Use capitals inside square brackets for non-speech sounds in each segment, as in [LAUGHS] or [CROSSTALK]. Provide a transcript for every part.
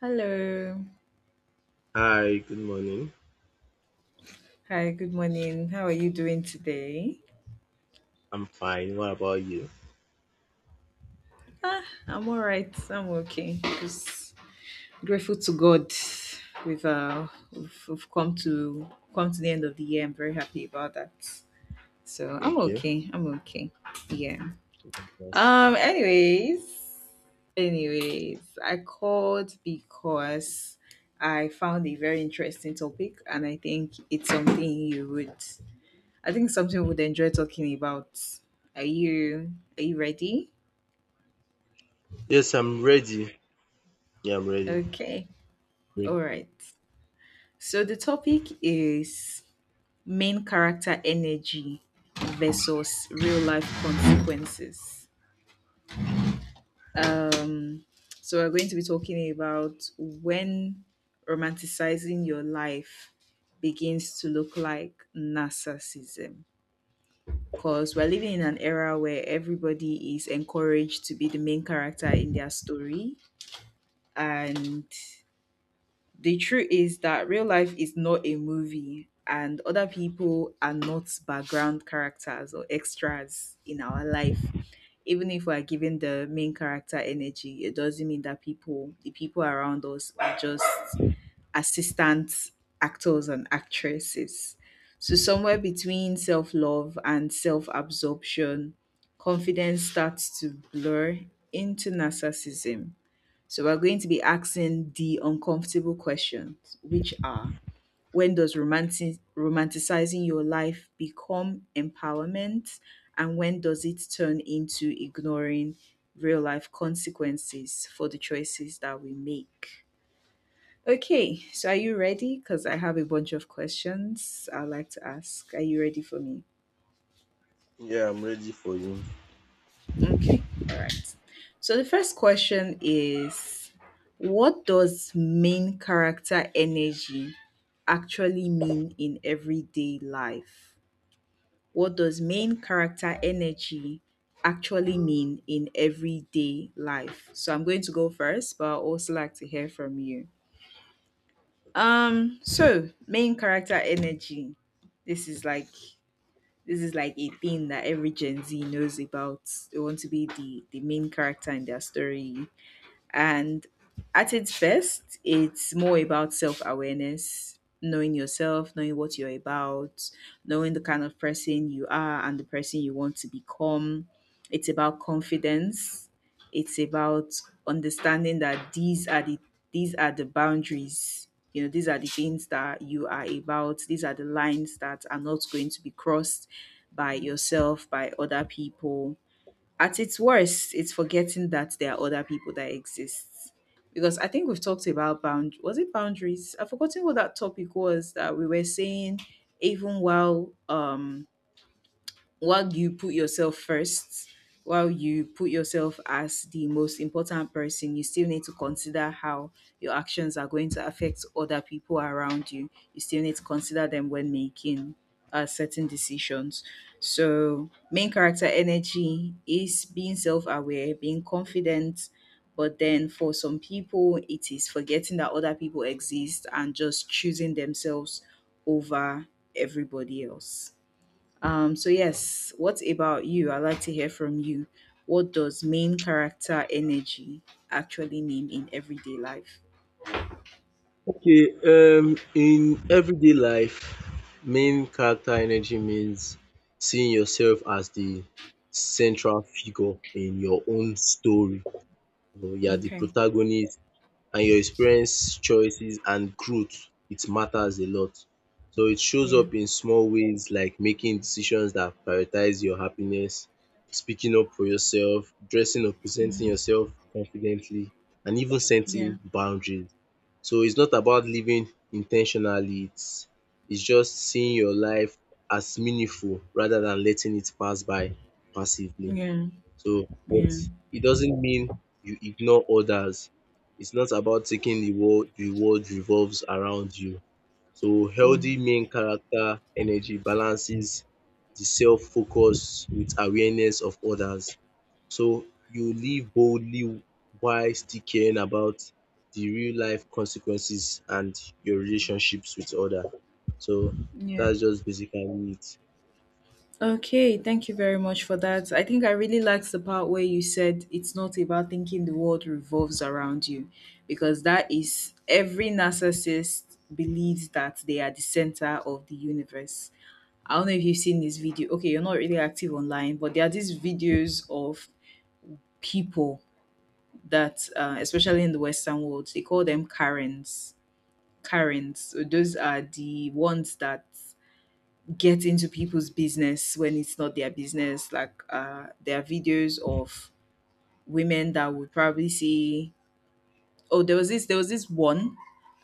Hello. Hi, good morning. Hi, good morning. How are you doing today? I'm fine. What about you? I'm all right. I'm okay. Just grateful to God. We've come to come to the end of the year. I'm very happy about that. So I'm Thank you. okay. I'm okay. Yeah. Yes, yeah. Um anyways, anyways, I called because I found a very interesting topic and I think it's something you would I think something we'd enjoy talking about. Are you ready? Yes, I'm ready. Yeah, I'm ready. Okay. Yeah, All right. So the topic is main character energy versus real life consequences. Um so we're going to be talking about when romanticizing your life begins to look like narcissism, because we're living in an era where everybody is encouraged to be the main character in their story. And the truth is that real life is not a movie, and other people are not background characters or extras in our life. Even if we're giving the main character energy, it doesn't mean that people, the people around us, are just assistant actors and actresses. So, somewhere between self love and self absorption, confidence starts to blur into narcissism. So we're going to be asking the uncomfortable questions, which are, when does romanticizing your life become empowerment? And when does it turn into ignoring real life consequences for the choices that we make? Okay, so are you ready? Because I have a bunch of questions I'd like to ask. Are you ready for me? yeah, I'm ready for you. Okay. All right. So the first question is, what does main character energy actually mean in everyday life? What does main character energy actually mean in everyday life? So I'm going to go first, but I'd also like to hear from you. So main character energy. This is like this is like a thing that every Gen Z knows about. They want to be the main character in their story. And at its best, it's more about self awareness, knowing yourself, knowing what you're about, knowing the kind of person you are and the person you want to become. It's about confidence. It's about understanding that these are the boundaries. You know, these are the things that you are about. These are the lines that are not going to be crossed by yourself, by other people. At its worst, it's forgetting that there are other people that exist. Because I think we've talked about bound, was it boundaries? I've forgotten what that topic was that we were saying. Even while you put yourself first, while you put yourself as the most important person, you still need to consider how your actions are going to affect other people around you. You still need to consider them when making certain decisions. So, main character energy is being self aware, being confident. But then for some people, it is forgetting that other people exist and just choosing themselves over everybody else. So yes, what about you? I'd like to hear from you. What does main character energy actually mean in everyday life? Okay, in everyday life, main character energy means seeing yourself as the central figure in your own story. You know, you are the Okay. protagonist, and your experience, choices, and growth, it matters a lot. So it shows Yeah. up in small ways, like making decisions that prioritize your happiness, speaking up for yourself, dressing or presenting Mhm. yourself confidently, and even Yeah. setting boundaries. So it's not about living intentionally, it's just seeing your life as meaningful rather than letting it pass by passively. Yeah. So, but Yeah. it doesn't mean you ignore others. It's not about taking the world revolves around you. So Mm. healthy main character energy balances the self-focus with awareness of others. So you live boldly while still caring about the real life consequences and your relationships with others. So Yeah. that's just basically it. Okay, thank you very much for that. I think I really liked the part where you said it's not about thinking the world revolves around you, because that is, every narcissist believes that they are the center of the universe. I don't know if you've seen this video. Okay, you're not really active online, but there are these videos of people that, especially in the Western world, they call them Karens. Karens. So those are the ones that get into people's business when it's not their business. Like there are videos of women that would probably say, oh, there was this one.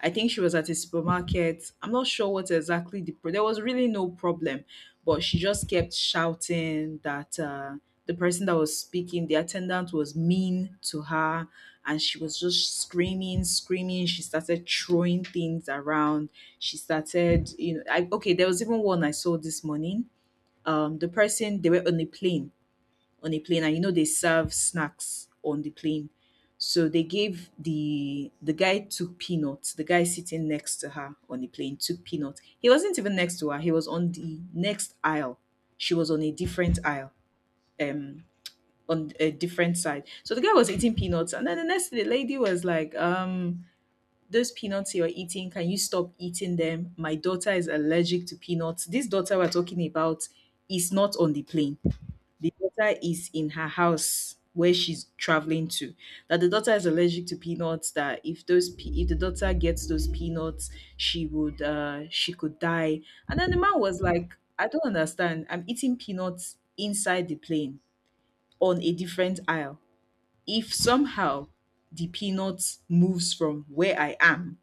I think she was at a supermarket. I'm not sure what exactly there was really no problem, but she just kept shouting that the person that was speaking, the attendant, was mean to her. And she was just screaming, she started throwing things around, she started, you know. Okay, there was even one I saw this morning. The person, they were on a plane, on a plane, and you know they serve snacks on the plane. So they gave, the guy took peanuts, the guy sitting next to her on the plane took peanuts. He wasn't even next to her, he was on the next aisle. She was on a different aisle. um on a different side. So the guy was eating peanuts, and then the next day, the lady was like, those peanuts you're eating, can you stop eating them? My daughter is allergic to peanuts. This daughter we're talking about is not on the plane. The daughter is in her house where she's traveling to. That the daughter is allergic to peanuts. That if those if the daughter gets those peanuts, she would she could die. And then the man was like, "I don't understand. I'm eating peanuts inside the plane on a different aisle. If somehow the peanuts moves from where I am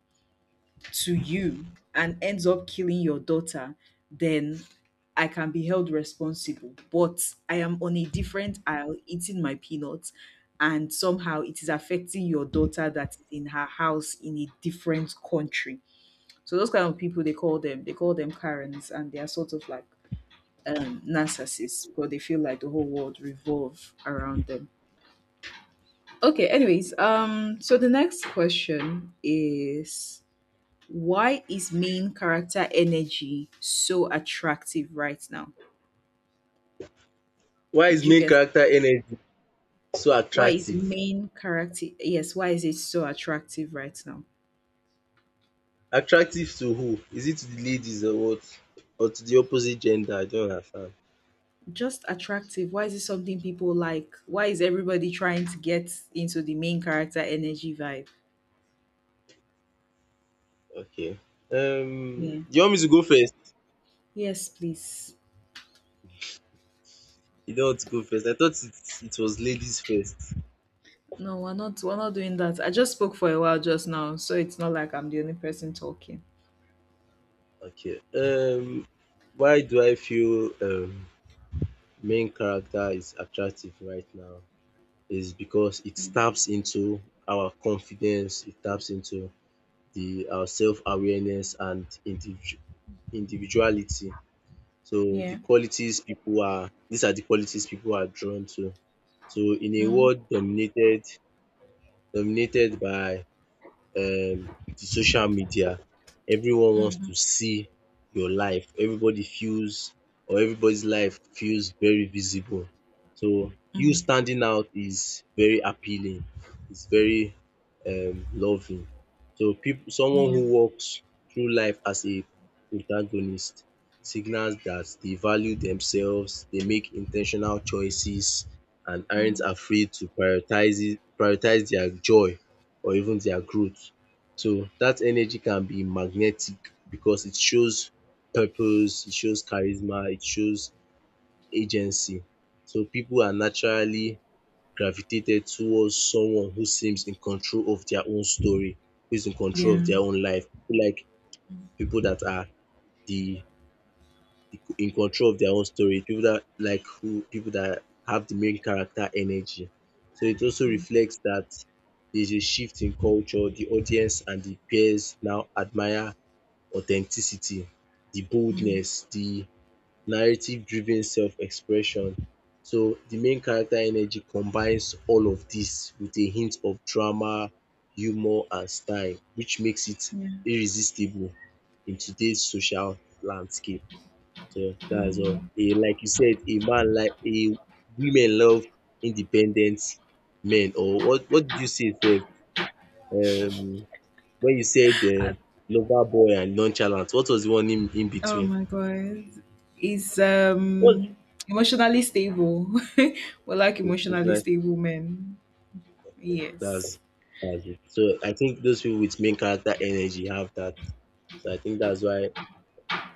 to you and ends up killing your daughter, then I can be held responsible. But I am on a different aisle eating my peanuts, and somehow it is affecting your daughter that is in her house in a different country. So those kind of people, they call them Karens, and they are sort of like narcissists, because they feel like the whole world revolve around them. Okay, anyways, so the next question is, why is main character energy so attractive right now? Why Did is you main get, character energy so why is attractive? main character yes, why is it so attractive right now? Attractive to who? Is it to the ladies or what? Or to the opposite gender? I don't understand. Just attractive. Why is it something people like? Why is everybody trying to get into the main character energy vibe? Okay. Yeah. Do you want me to go first? Yes, please. You don't want to go first. I thought it was ladies first. No, we're not, we're not doing that. I just spoke for a while just now, so it's not like I'm the only person talking. Okay. Why do I feel main character is attractive right now? Is because it taps into our confidence. It taps into the our self awareness and individuality. So Yeah. These are the qualities people are drawn to. So in a Mm-hmm. world dominated by the social media. Everyone wants Mm-hmm. to see your life. Everybody feels or everybody's life feels very visible. So you Mm-hmm. standing out is very appealing. It's very loving. So people someone Yeah. who walks through life as a protagonist signals that they value themselves, they make intentional choices and aren't Mm-hmm. afraid to prioritize their joy or even their growth. So that energy can be magnetic because it shows purpose, it shows charisma, it shows agency. So people are naturally gravitated towards someone who seems in control of their own story, who is in control of their Yeah. own life, who like people that are the in control of their own story, people that like who people that have the main character energy. So it also Mm-hmm. reflects that there's a shift in culture. The audience and the peers now admire authenticity, the Mm-hmm. boldness, the narrative-driven self-expression. So the main character energy combines all of this with a hint of drama, humor, and style, which makes it Yeah. irresistible in today's social landscape. So that's all. Mm. A, like you said, a man like a women love independent men. Or what? What did you say, Sef? Um, when you said lover boy and nonchalant, what was the one in Oh between? my god. He's What? um emotionally stable. [LAUGHS] We like emotionally Emotional- stable men. yeah, Yes. That's it. So I think those people with main character energy have that. So I think that's why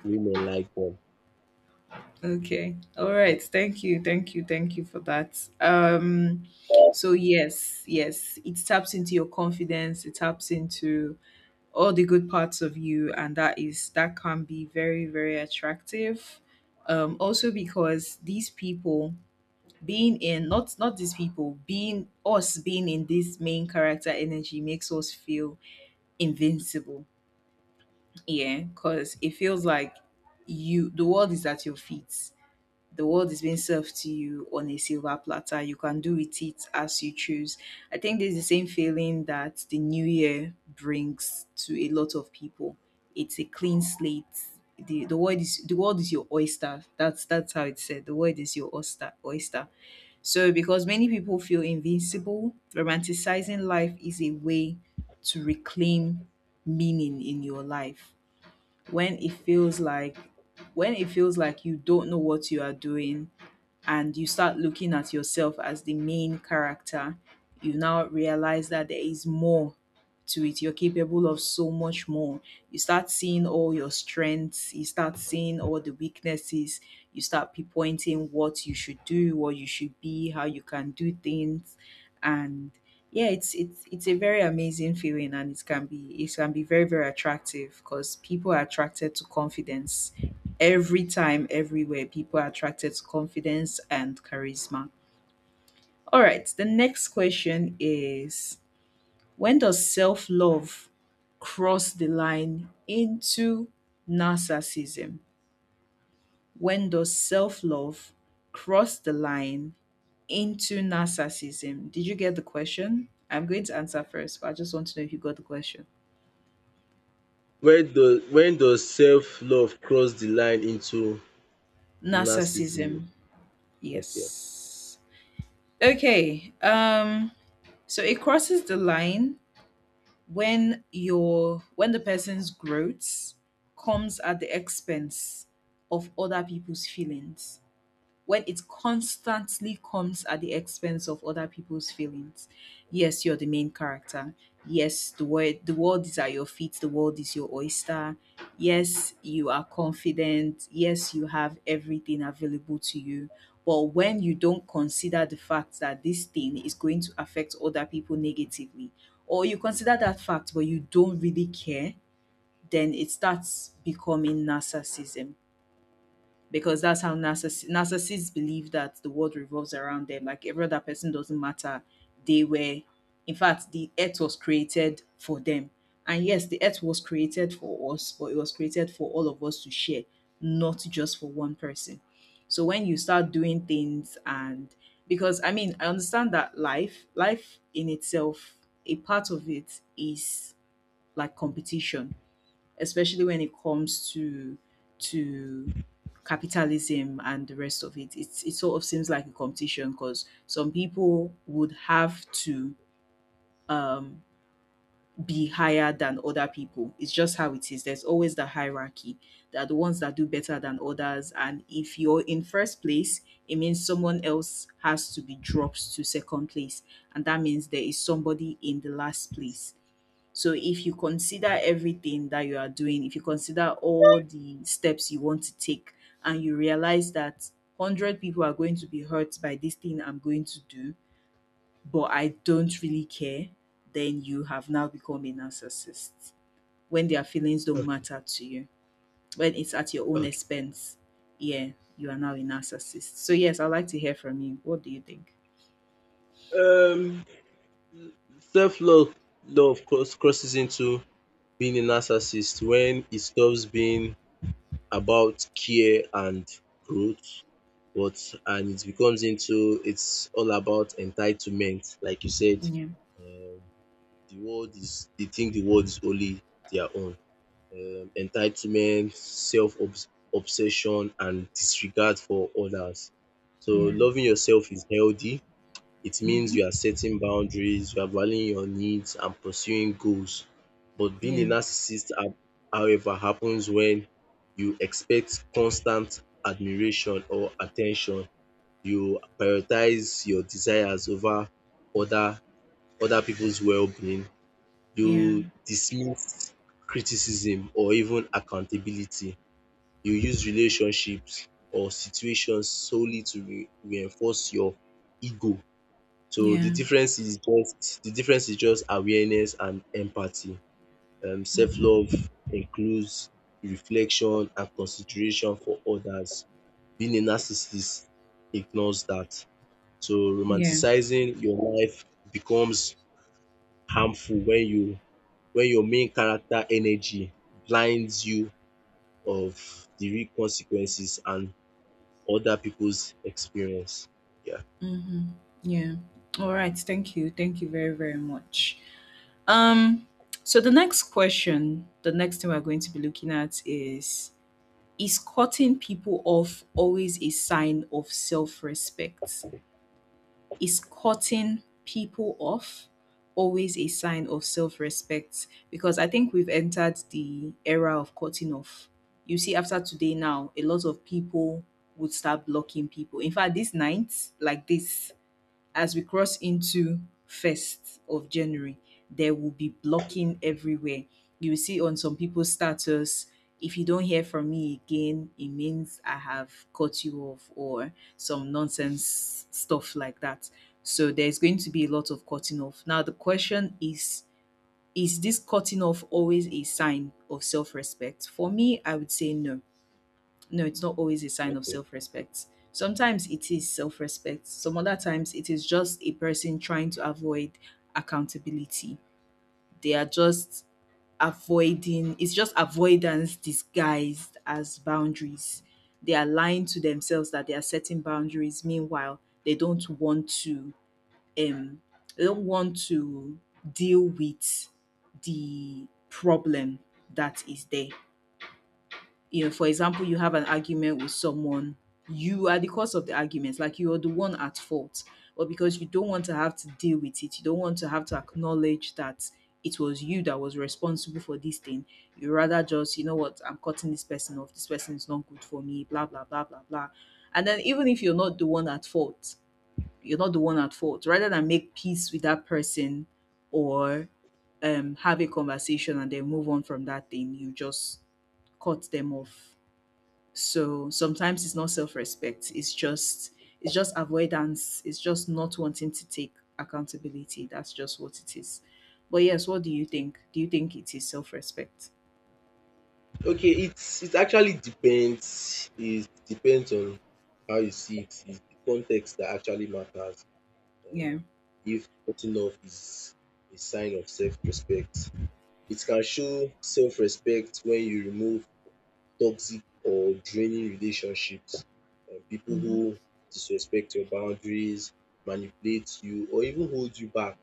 women like them. Okay. All right. Thank you. Thank you. Thank you for that. So yes, yes, it taps into your confidence, it taps into all the good parts of you, and that is, that can be very very attractive. Also because these people being in, not these people, being us being in this main character energy makes us feel invincible. Yeah, because it feels like, you, the world is at your feet, the world is being served to you on a silver platter, you can do with it as you choose. I think this is the same feeling that the new year brings to a lot of people. It's a clean slate. The world is, the world is your oyster. That's how it's said. The world is your oyster. Oyster. So, because many people feel invincible, romanticizing life is a way to reclaim meaning in your life. When it feels like when it feels like you don't know what you are doing, and you start looking at yourself as the main character, you now realize that there is more to it. You're capable of so much more. You start seeing all your strengths, you start seeing all the weaknesses, you start pinpointing what you should do, what you should be, how you can do things. And yeah, it's a very amazing feeling, and it can be very, very attractive, because people are attracted to confidence every time, everywhere, people are attracted to confidence and charisma. All right, the next question is, when does self love cross the line into narcissism? When does self love cross the line into narcissism? Did you get the question? I'm going to answer first, but I just want to know if you got the question. Where does When does self love cross the line into narcissism? Narcissism, Okay. yes. Okay, so it crosses the line when your, when the person's growth comes at the expense of other people's feelings, when it constantly comes at the expense of other people's feelings. Yes, you're the main character. Yes, the world is at your feet, the world is your oyster. Yes, you are confident. Yes, you have everything available to you. But when you don't consider the fact that this thing is going to affect other people negatively, or you consider that fact but you don't really care, then it starts becoming narcissism, because that's how narcissists believe that the world revolves around them. Like every other person doesn't matter. They were, in fact, the earth was created for them. And yes, the earth was created for us, but it was created for all of us to share, not just for one person. So when you start doing things and because I mean, I understand that life in itself, a part of it is like competition, especially when it comes to to capitalism and the rest of it. It sort of seems like a competition because some people would have to um, be higher than other people. It's just how it is. There's always the hierarchy. There are the ones that do better than others, and if you're in first place, it means someone else has to be dropped to second place, and that means there is somebody in the last place. So if you consider everything that you are doing, if you consider all the steps you want to take and you realize that 100 people are going to be hurt by this thing I'm going to do, but I don't really care, then you have now become a narcissist. When their feelings don't matter to you, when it's at your own Okay. expense, yeah, you are now a narcissist. So yes, I'd like to hear from you. What do you think? Um Self-love love crosses into being a narcissist when it stops being about care and growth, but and it becomes into it's all about entitlement. Like you said, Yeah, um the world is, they think the world is only their own. Entitlement, self obs obsession, and disregard for others. So yeah, loving yourself is healthy, it means mm-hmm. you are setting boundaries, you are valuing your needs and pursuing goals. But being a Yeah, narcissist, however, happens when you expect constant admiration or attention. You prioritize your desires over other other people's well-being. yeah, You dismiss criticism or even accountability. You use relationships or situations solely to reinforce your ego. So yeah, the difference is just awareness and empathy. Mm-hmm. Self-love includes reflection and consideration for others. Being a narcissist ignores that. So Yeah. romanticizing your life becomes harmful when you, when your main character energy blinds you of the real consequences and other people's experience. Yeah, Mm-hmm. Yeah. All right. Thank you. Thank you very, very much. Um, so the next question, the next thing we're going to be looking at is cutting people off always a sign of self respect? Is cutting people off always a sign of self respect? Because I think we've entered the era of cutting off. You see, after today, now, a lot of people would start blocking people. In fact, this night, like this, as we cross into first of January, there will be blocking everywhere. You will see on some people's status, if you don't hear from me again, it means I have cut you off or some nonsense stuff like that. So there's going to be a lot of cutting off. Now the question is this cutting off always a sign of self-respect? For me, I would say no. No, it's not always a sign of okay. self respect. Sometimes it is self respect, some other times it is just a person trying to avoid accountability. They are just avoiding, it's just avoidance disguised as boundaries. They are lying to themselves that they are setting boundaries. Meanwhile, they don't want to um they don't want to deal with the problem that is there. For example, you have an argument with someone, you are the cause of the argument, like you are the one at fault. But because you don't want to have to deal with it, you don't want to have to acknowledge that it was you that was responsible for this thing. You rather just, you know what, I'm cutting this person off. This person is not good for me, blah, blah, blah, blah, blah. And then even if you're not the one at fault, you're not the one at fault, rather than make peace with that person or have a conversation and then move on from that thing, you just cut them off. So sometimes it's not self-respect. It's just avoidance. It's just not wanting to take accountability. That's just what it is. But yes, what do you think? Do you think it is self-respect? Okay, it's, it actually depends. It depends on how you see it. It's the context that actually matters. Uh, Yeah. if cutting off is a sign of self-respect, it can show self-respect when you remove toxic or draining relationships, people Hmm. who disrespect your boundaries, manipulate you, or even hold you back.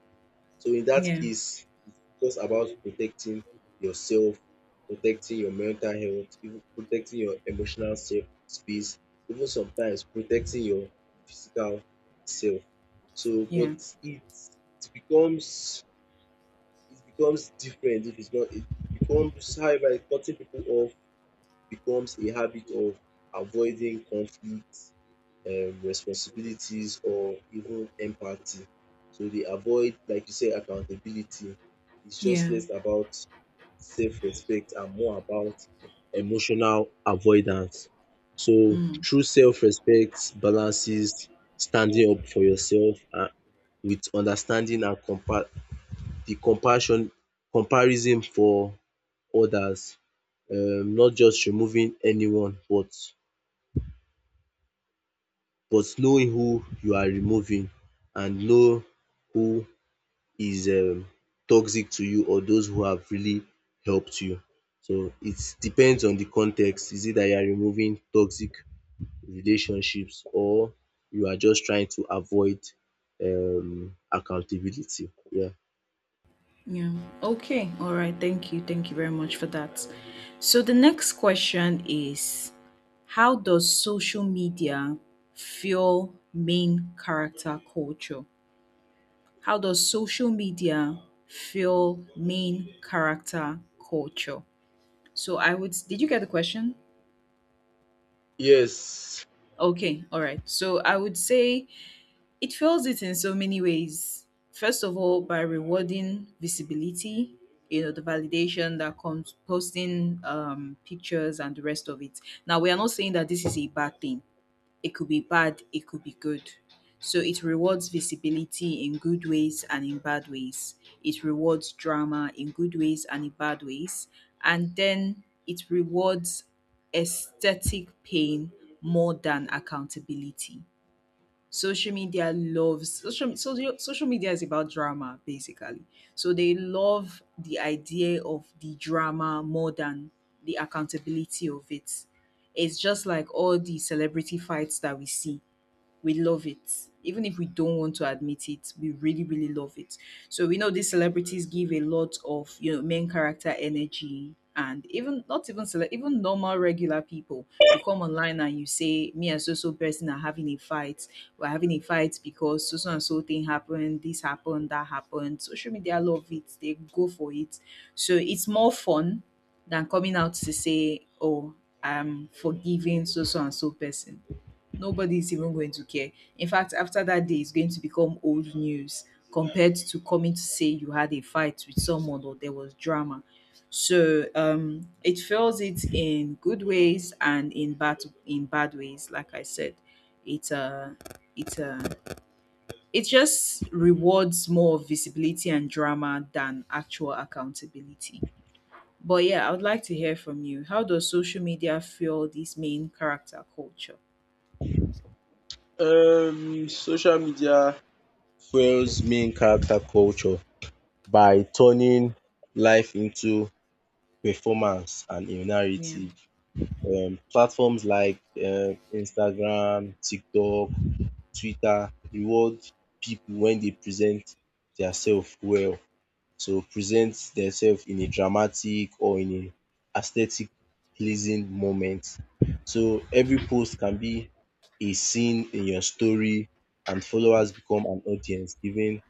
So in that Yeah. case, it's just about protecting yourself, protecting your mental health, even protecting your emotional self space, even sometimes protecting your physical self. So Yeah. but it becomes it becomes different if it's not. It becomes However, cutting people off becomes a habit of avoiding conflict, responsibilities, or even empathy. So they avoid, like you say, accountability. It's just Yeah. less about self respect and more about emotional avoidance. So Mm. true self respect balances standing up for yourself and with understanding and the compassion, comparison for others, not just removing anyone, but know who you are removing, and know who is toxic to you or those who have really helped you. So it depends on the context. Is it that you are removing toxic relationships, or you are just trying to avoid accountability? Yeah. Yeah. Okay. All right. Thank you. Thank you very much for that. So the next question is, how does social media fuel main character culture? How does social media fuel main character culture? So I would did you get the question? Yes, Okay, all right. So I would say it fuels it in so many ways. First of all, by rewarding visibility, the validation that comes posting pictures and the rest of it. Now, we are not saying that this is a bad thing. It could be bad, it could be good. So it rewards visibility in good ways and in bad ways. It rewards drama in good ways and in bad ways. And then it rewards aesthetic pain more than accountability. Social media loves social media is about drama basically. So they love the idea of the drama more than the accountability of It's just like all the celebrity fights that we see. We love it. Even if we don't want to admit it, we really, really love it. So we know these celebrities give a lot of, main character energy, and even not even cele- even normal regular people. You come online and you say, me and so so person are having a fight. We're having a fight because so so and so thing happened, this happened, that happened. Social media love it, they go for it. So it's more fun than coming out to say, oh, I'm forgiving so so and so person. Nobody's even going to care. In fact, after that day, it's going to become old news compared to coming to say you had a fight with someone or there was drama. So it fails it in good ways and in bad ways. Like I said, it uh, it uh, it just rewards more visibility and drama than actual accountability. But yeah, I would like to hear from you. How does social media fuel this main character culture? Social media fuels main character culture by turning life into performance and a Yeah. narrative. Platforms like Instagram, TikTok, Twitter reward people when they present themselves well, to present themselves in a dramatic or in a aesthetic pleasing moment. So every post can be a scene in your story, and followers become an audience giving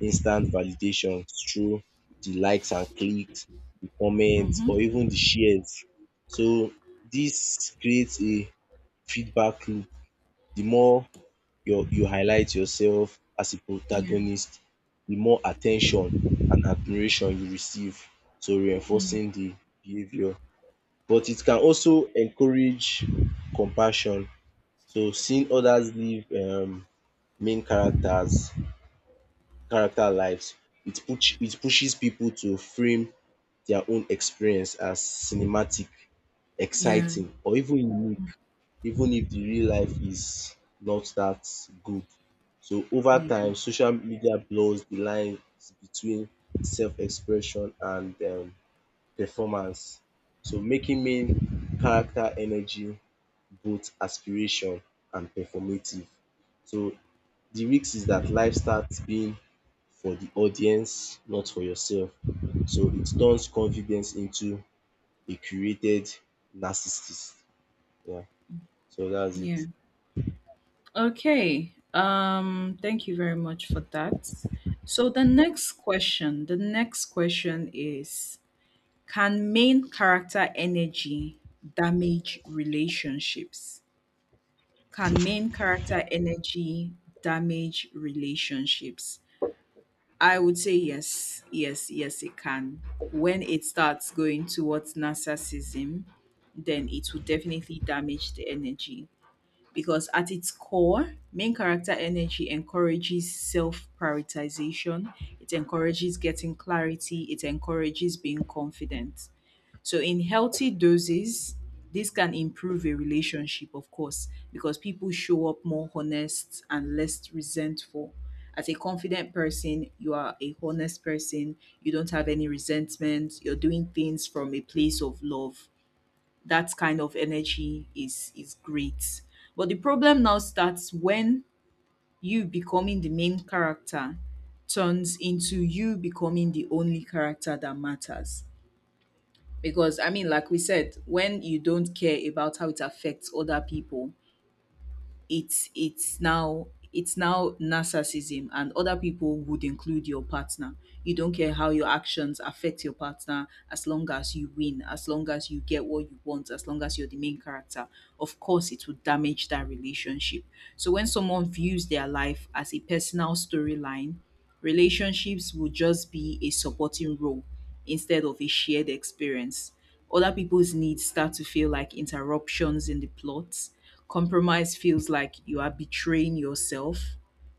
instant validation through the likes and clicks, the comments, Mm-hmm. or even the shares. So this creates a feedback loop. The more you highlight yourself as a Yeah. protagonist, the more attention and admiration you receive, so reinforcing the behaviour. But it can also encourage compassion. So seeing others live main characters character lives, it pushes people to frame their own experience as cinematic, Yeah. exciting, or even unique, even if the real life is not that good. So over Yeah. time, social media blurs the lines between self-expression and performance. So making main character energy both aspiration and performative. So the risk is that life starts being for the audience, not for yourself. So it turns confidence into a curated narcissist. Yeah. So that's Yeah. it. Okay. Thank you very much for that. So the next question is, can main character energy damage relationships? Can main character energy damage relationships? I would say yes, yes, yes, it can. When it starts going towards narcissism, then it will definitely damage the energy. Because at its core, main character energy encourages self prioritization, it encourages getting clarity, it encourages being confident. So, in healthy doses, this can improve a relationship, of course, because people show up more honest and less resentful. As a confident person, you are a honest person, you don't have any resentment, you're doing things from a place of love. That kind of energy is great. But the problem now starts when you becoming the main character turns into you becoming the only character that matters. Because I mean, like we said, when you don't care about how it affects other people, it's it's now it's now narcissism, and other people would include your partner. You don't care how your actions affect your partner, as long as you win, as long as you get what you want, as long as you're the main character. Of course it will damage that relationship. So when someone views their life as a personal storyline, relationships would just be a supporting role instead of a shared experience. Other people's needs start to feel like interruptions in the plot. Compromise feels like you are betraying yourself,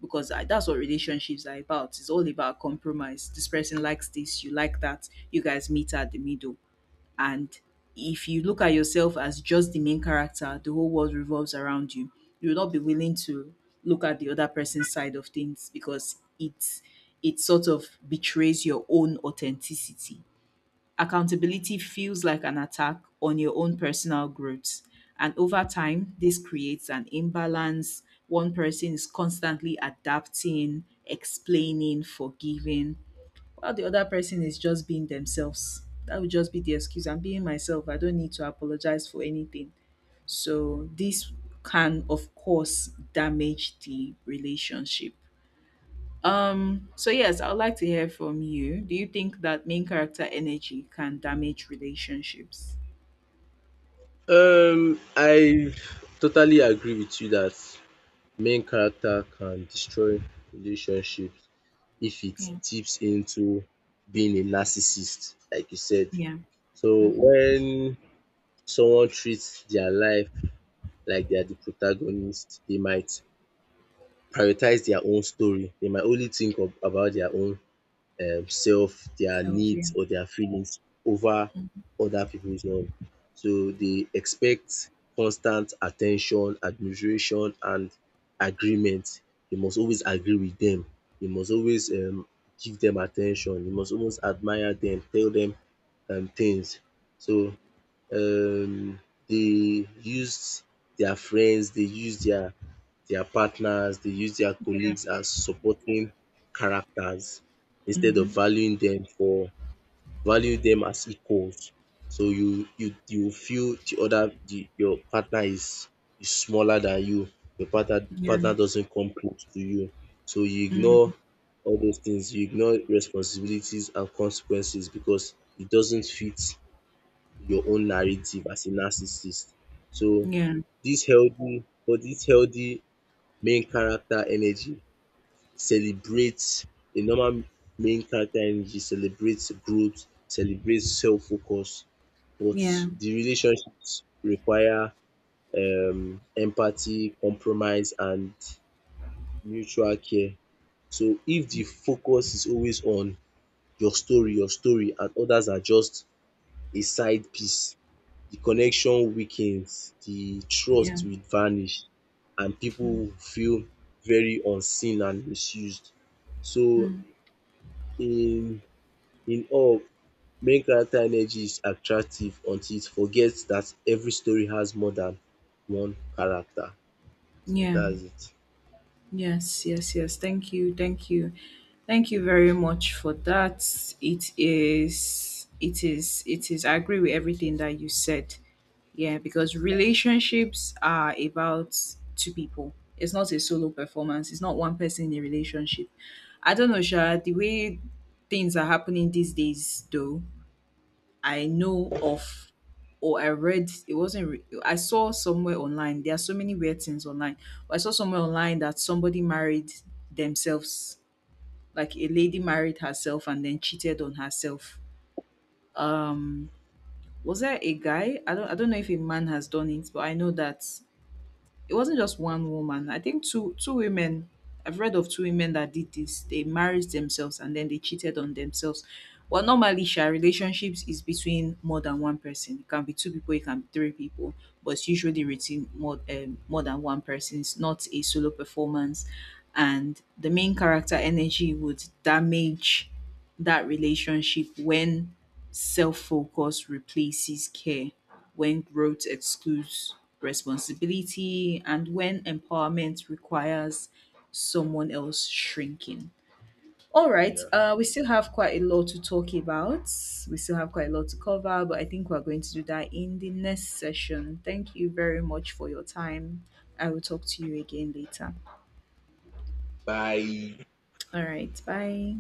because that's what relationships are about. It's all about compromise. This person likes this, you like that. You guys meet at the middle. And if you look at yourself as just the main character, the whole world revolves around you. You will not be willing to look at the other person's side of things because it sort of betrays your own authenticity. Accountability feels like an attack on your own personal growth. And over time, this creates an imbalance. One person is constantly adapting, explaining, forgiving, while the other person is just being themselves. That would just be the excuse. I'm being myself. I don't need to apologize for anything. So this can of course damage the relationship. So yes, I would like to hear from you. Do you think that main character energy can damage relationships? I totally agree with you that main character can destroy relationships if it Yeah. tips into being a narcissist, like you said. Yeah. So Mm-hmm. when someone treats their life like they are the protagonist, they might prioritize their own story. They might only think of about their own self, their Self, needs, yeah. or their feelings over other people's own. So they expect constant attention, admiration, and agreement. You must always agree with them. You must always give them attention. You must always admire them, tell them things. So um they used their friends, they used their partners, they used their colleagues as supporting characters instead of Mm-hmm. valuing them for value them as equals. So you feel the your partner is smaller than you. Your Yeah. partner doesn't come close to you. So you Mm. ignore all those things, you ignore responsibilities and consequences because it doesn't fit your own narrative as a narcissist. So Yeah. This healthy main character energy celebrates a normal main character energy celebrates growth, celebrates self-focus, but Yeah. the relationships require empathy, compromise, and mutual care. So if the focus is always on your story and others are just a side piece, the connection weakens, the Yeah. trust will vanish, and people will feel very unseen and misused. So Mm. in in all, main character energy is attractive until it forgets that every story has more than one character. So Yeah. that's it. Yes. Yes. Yes. Thank you. Thank you. Thank you very much for that. It is, it is, it is. I agree with everything that you said. Yeah, because relationships are about two people. It's not a solo performance. It's not one person in a relationship. I don't know, Sha. The way things are happening these days, though, I know of, or I read. It wasn't. I saw somewhere online. There are so many weird things online. But I saw somewhere online that somebody married themselves, like a lady married herself and then cheated on herself. Um was there a guy? I don't know if a man has done it, but I know that it wasn't just one woman. I think two women. I've read of two women that did this. They married themselves and then they cheated on themselves. Well, normally, Sha, relationships is between more than one person. It can be two people, it can be three people, but it's usually written more than one person. It's not a solo performance, and the main character energy would damage that relationship when self focus replaces care, when growth excludes responsibility, and when empowerment requires someone else shrinking. All right, Yeah. We still have quite a lot to talk about. We still have quite a lot to cover, but I think we're going to do that in the next session. Thank you very much for your time. I will talk to you again later. Bye. All right, bye.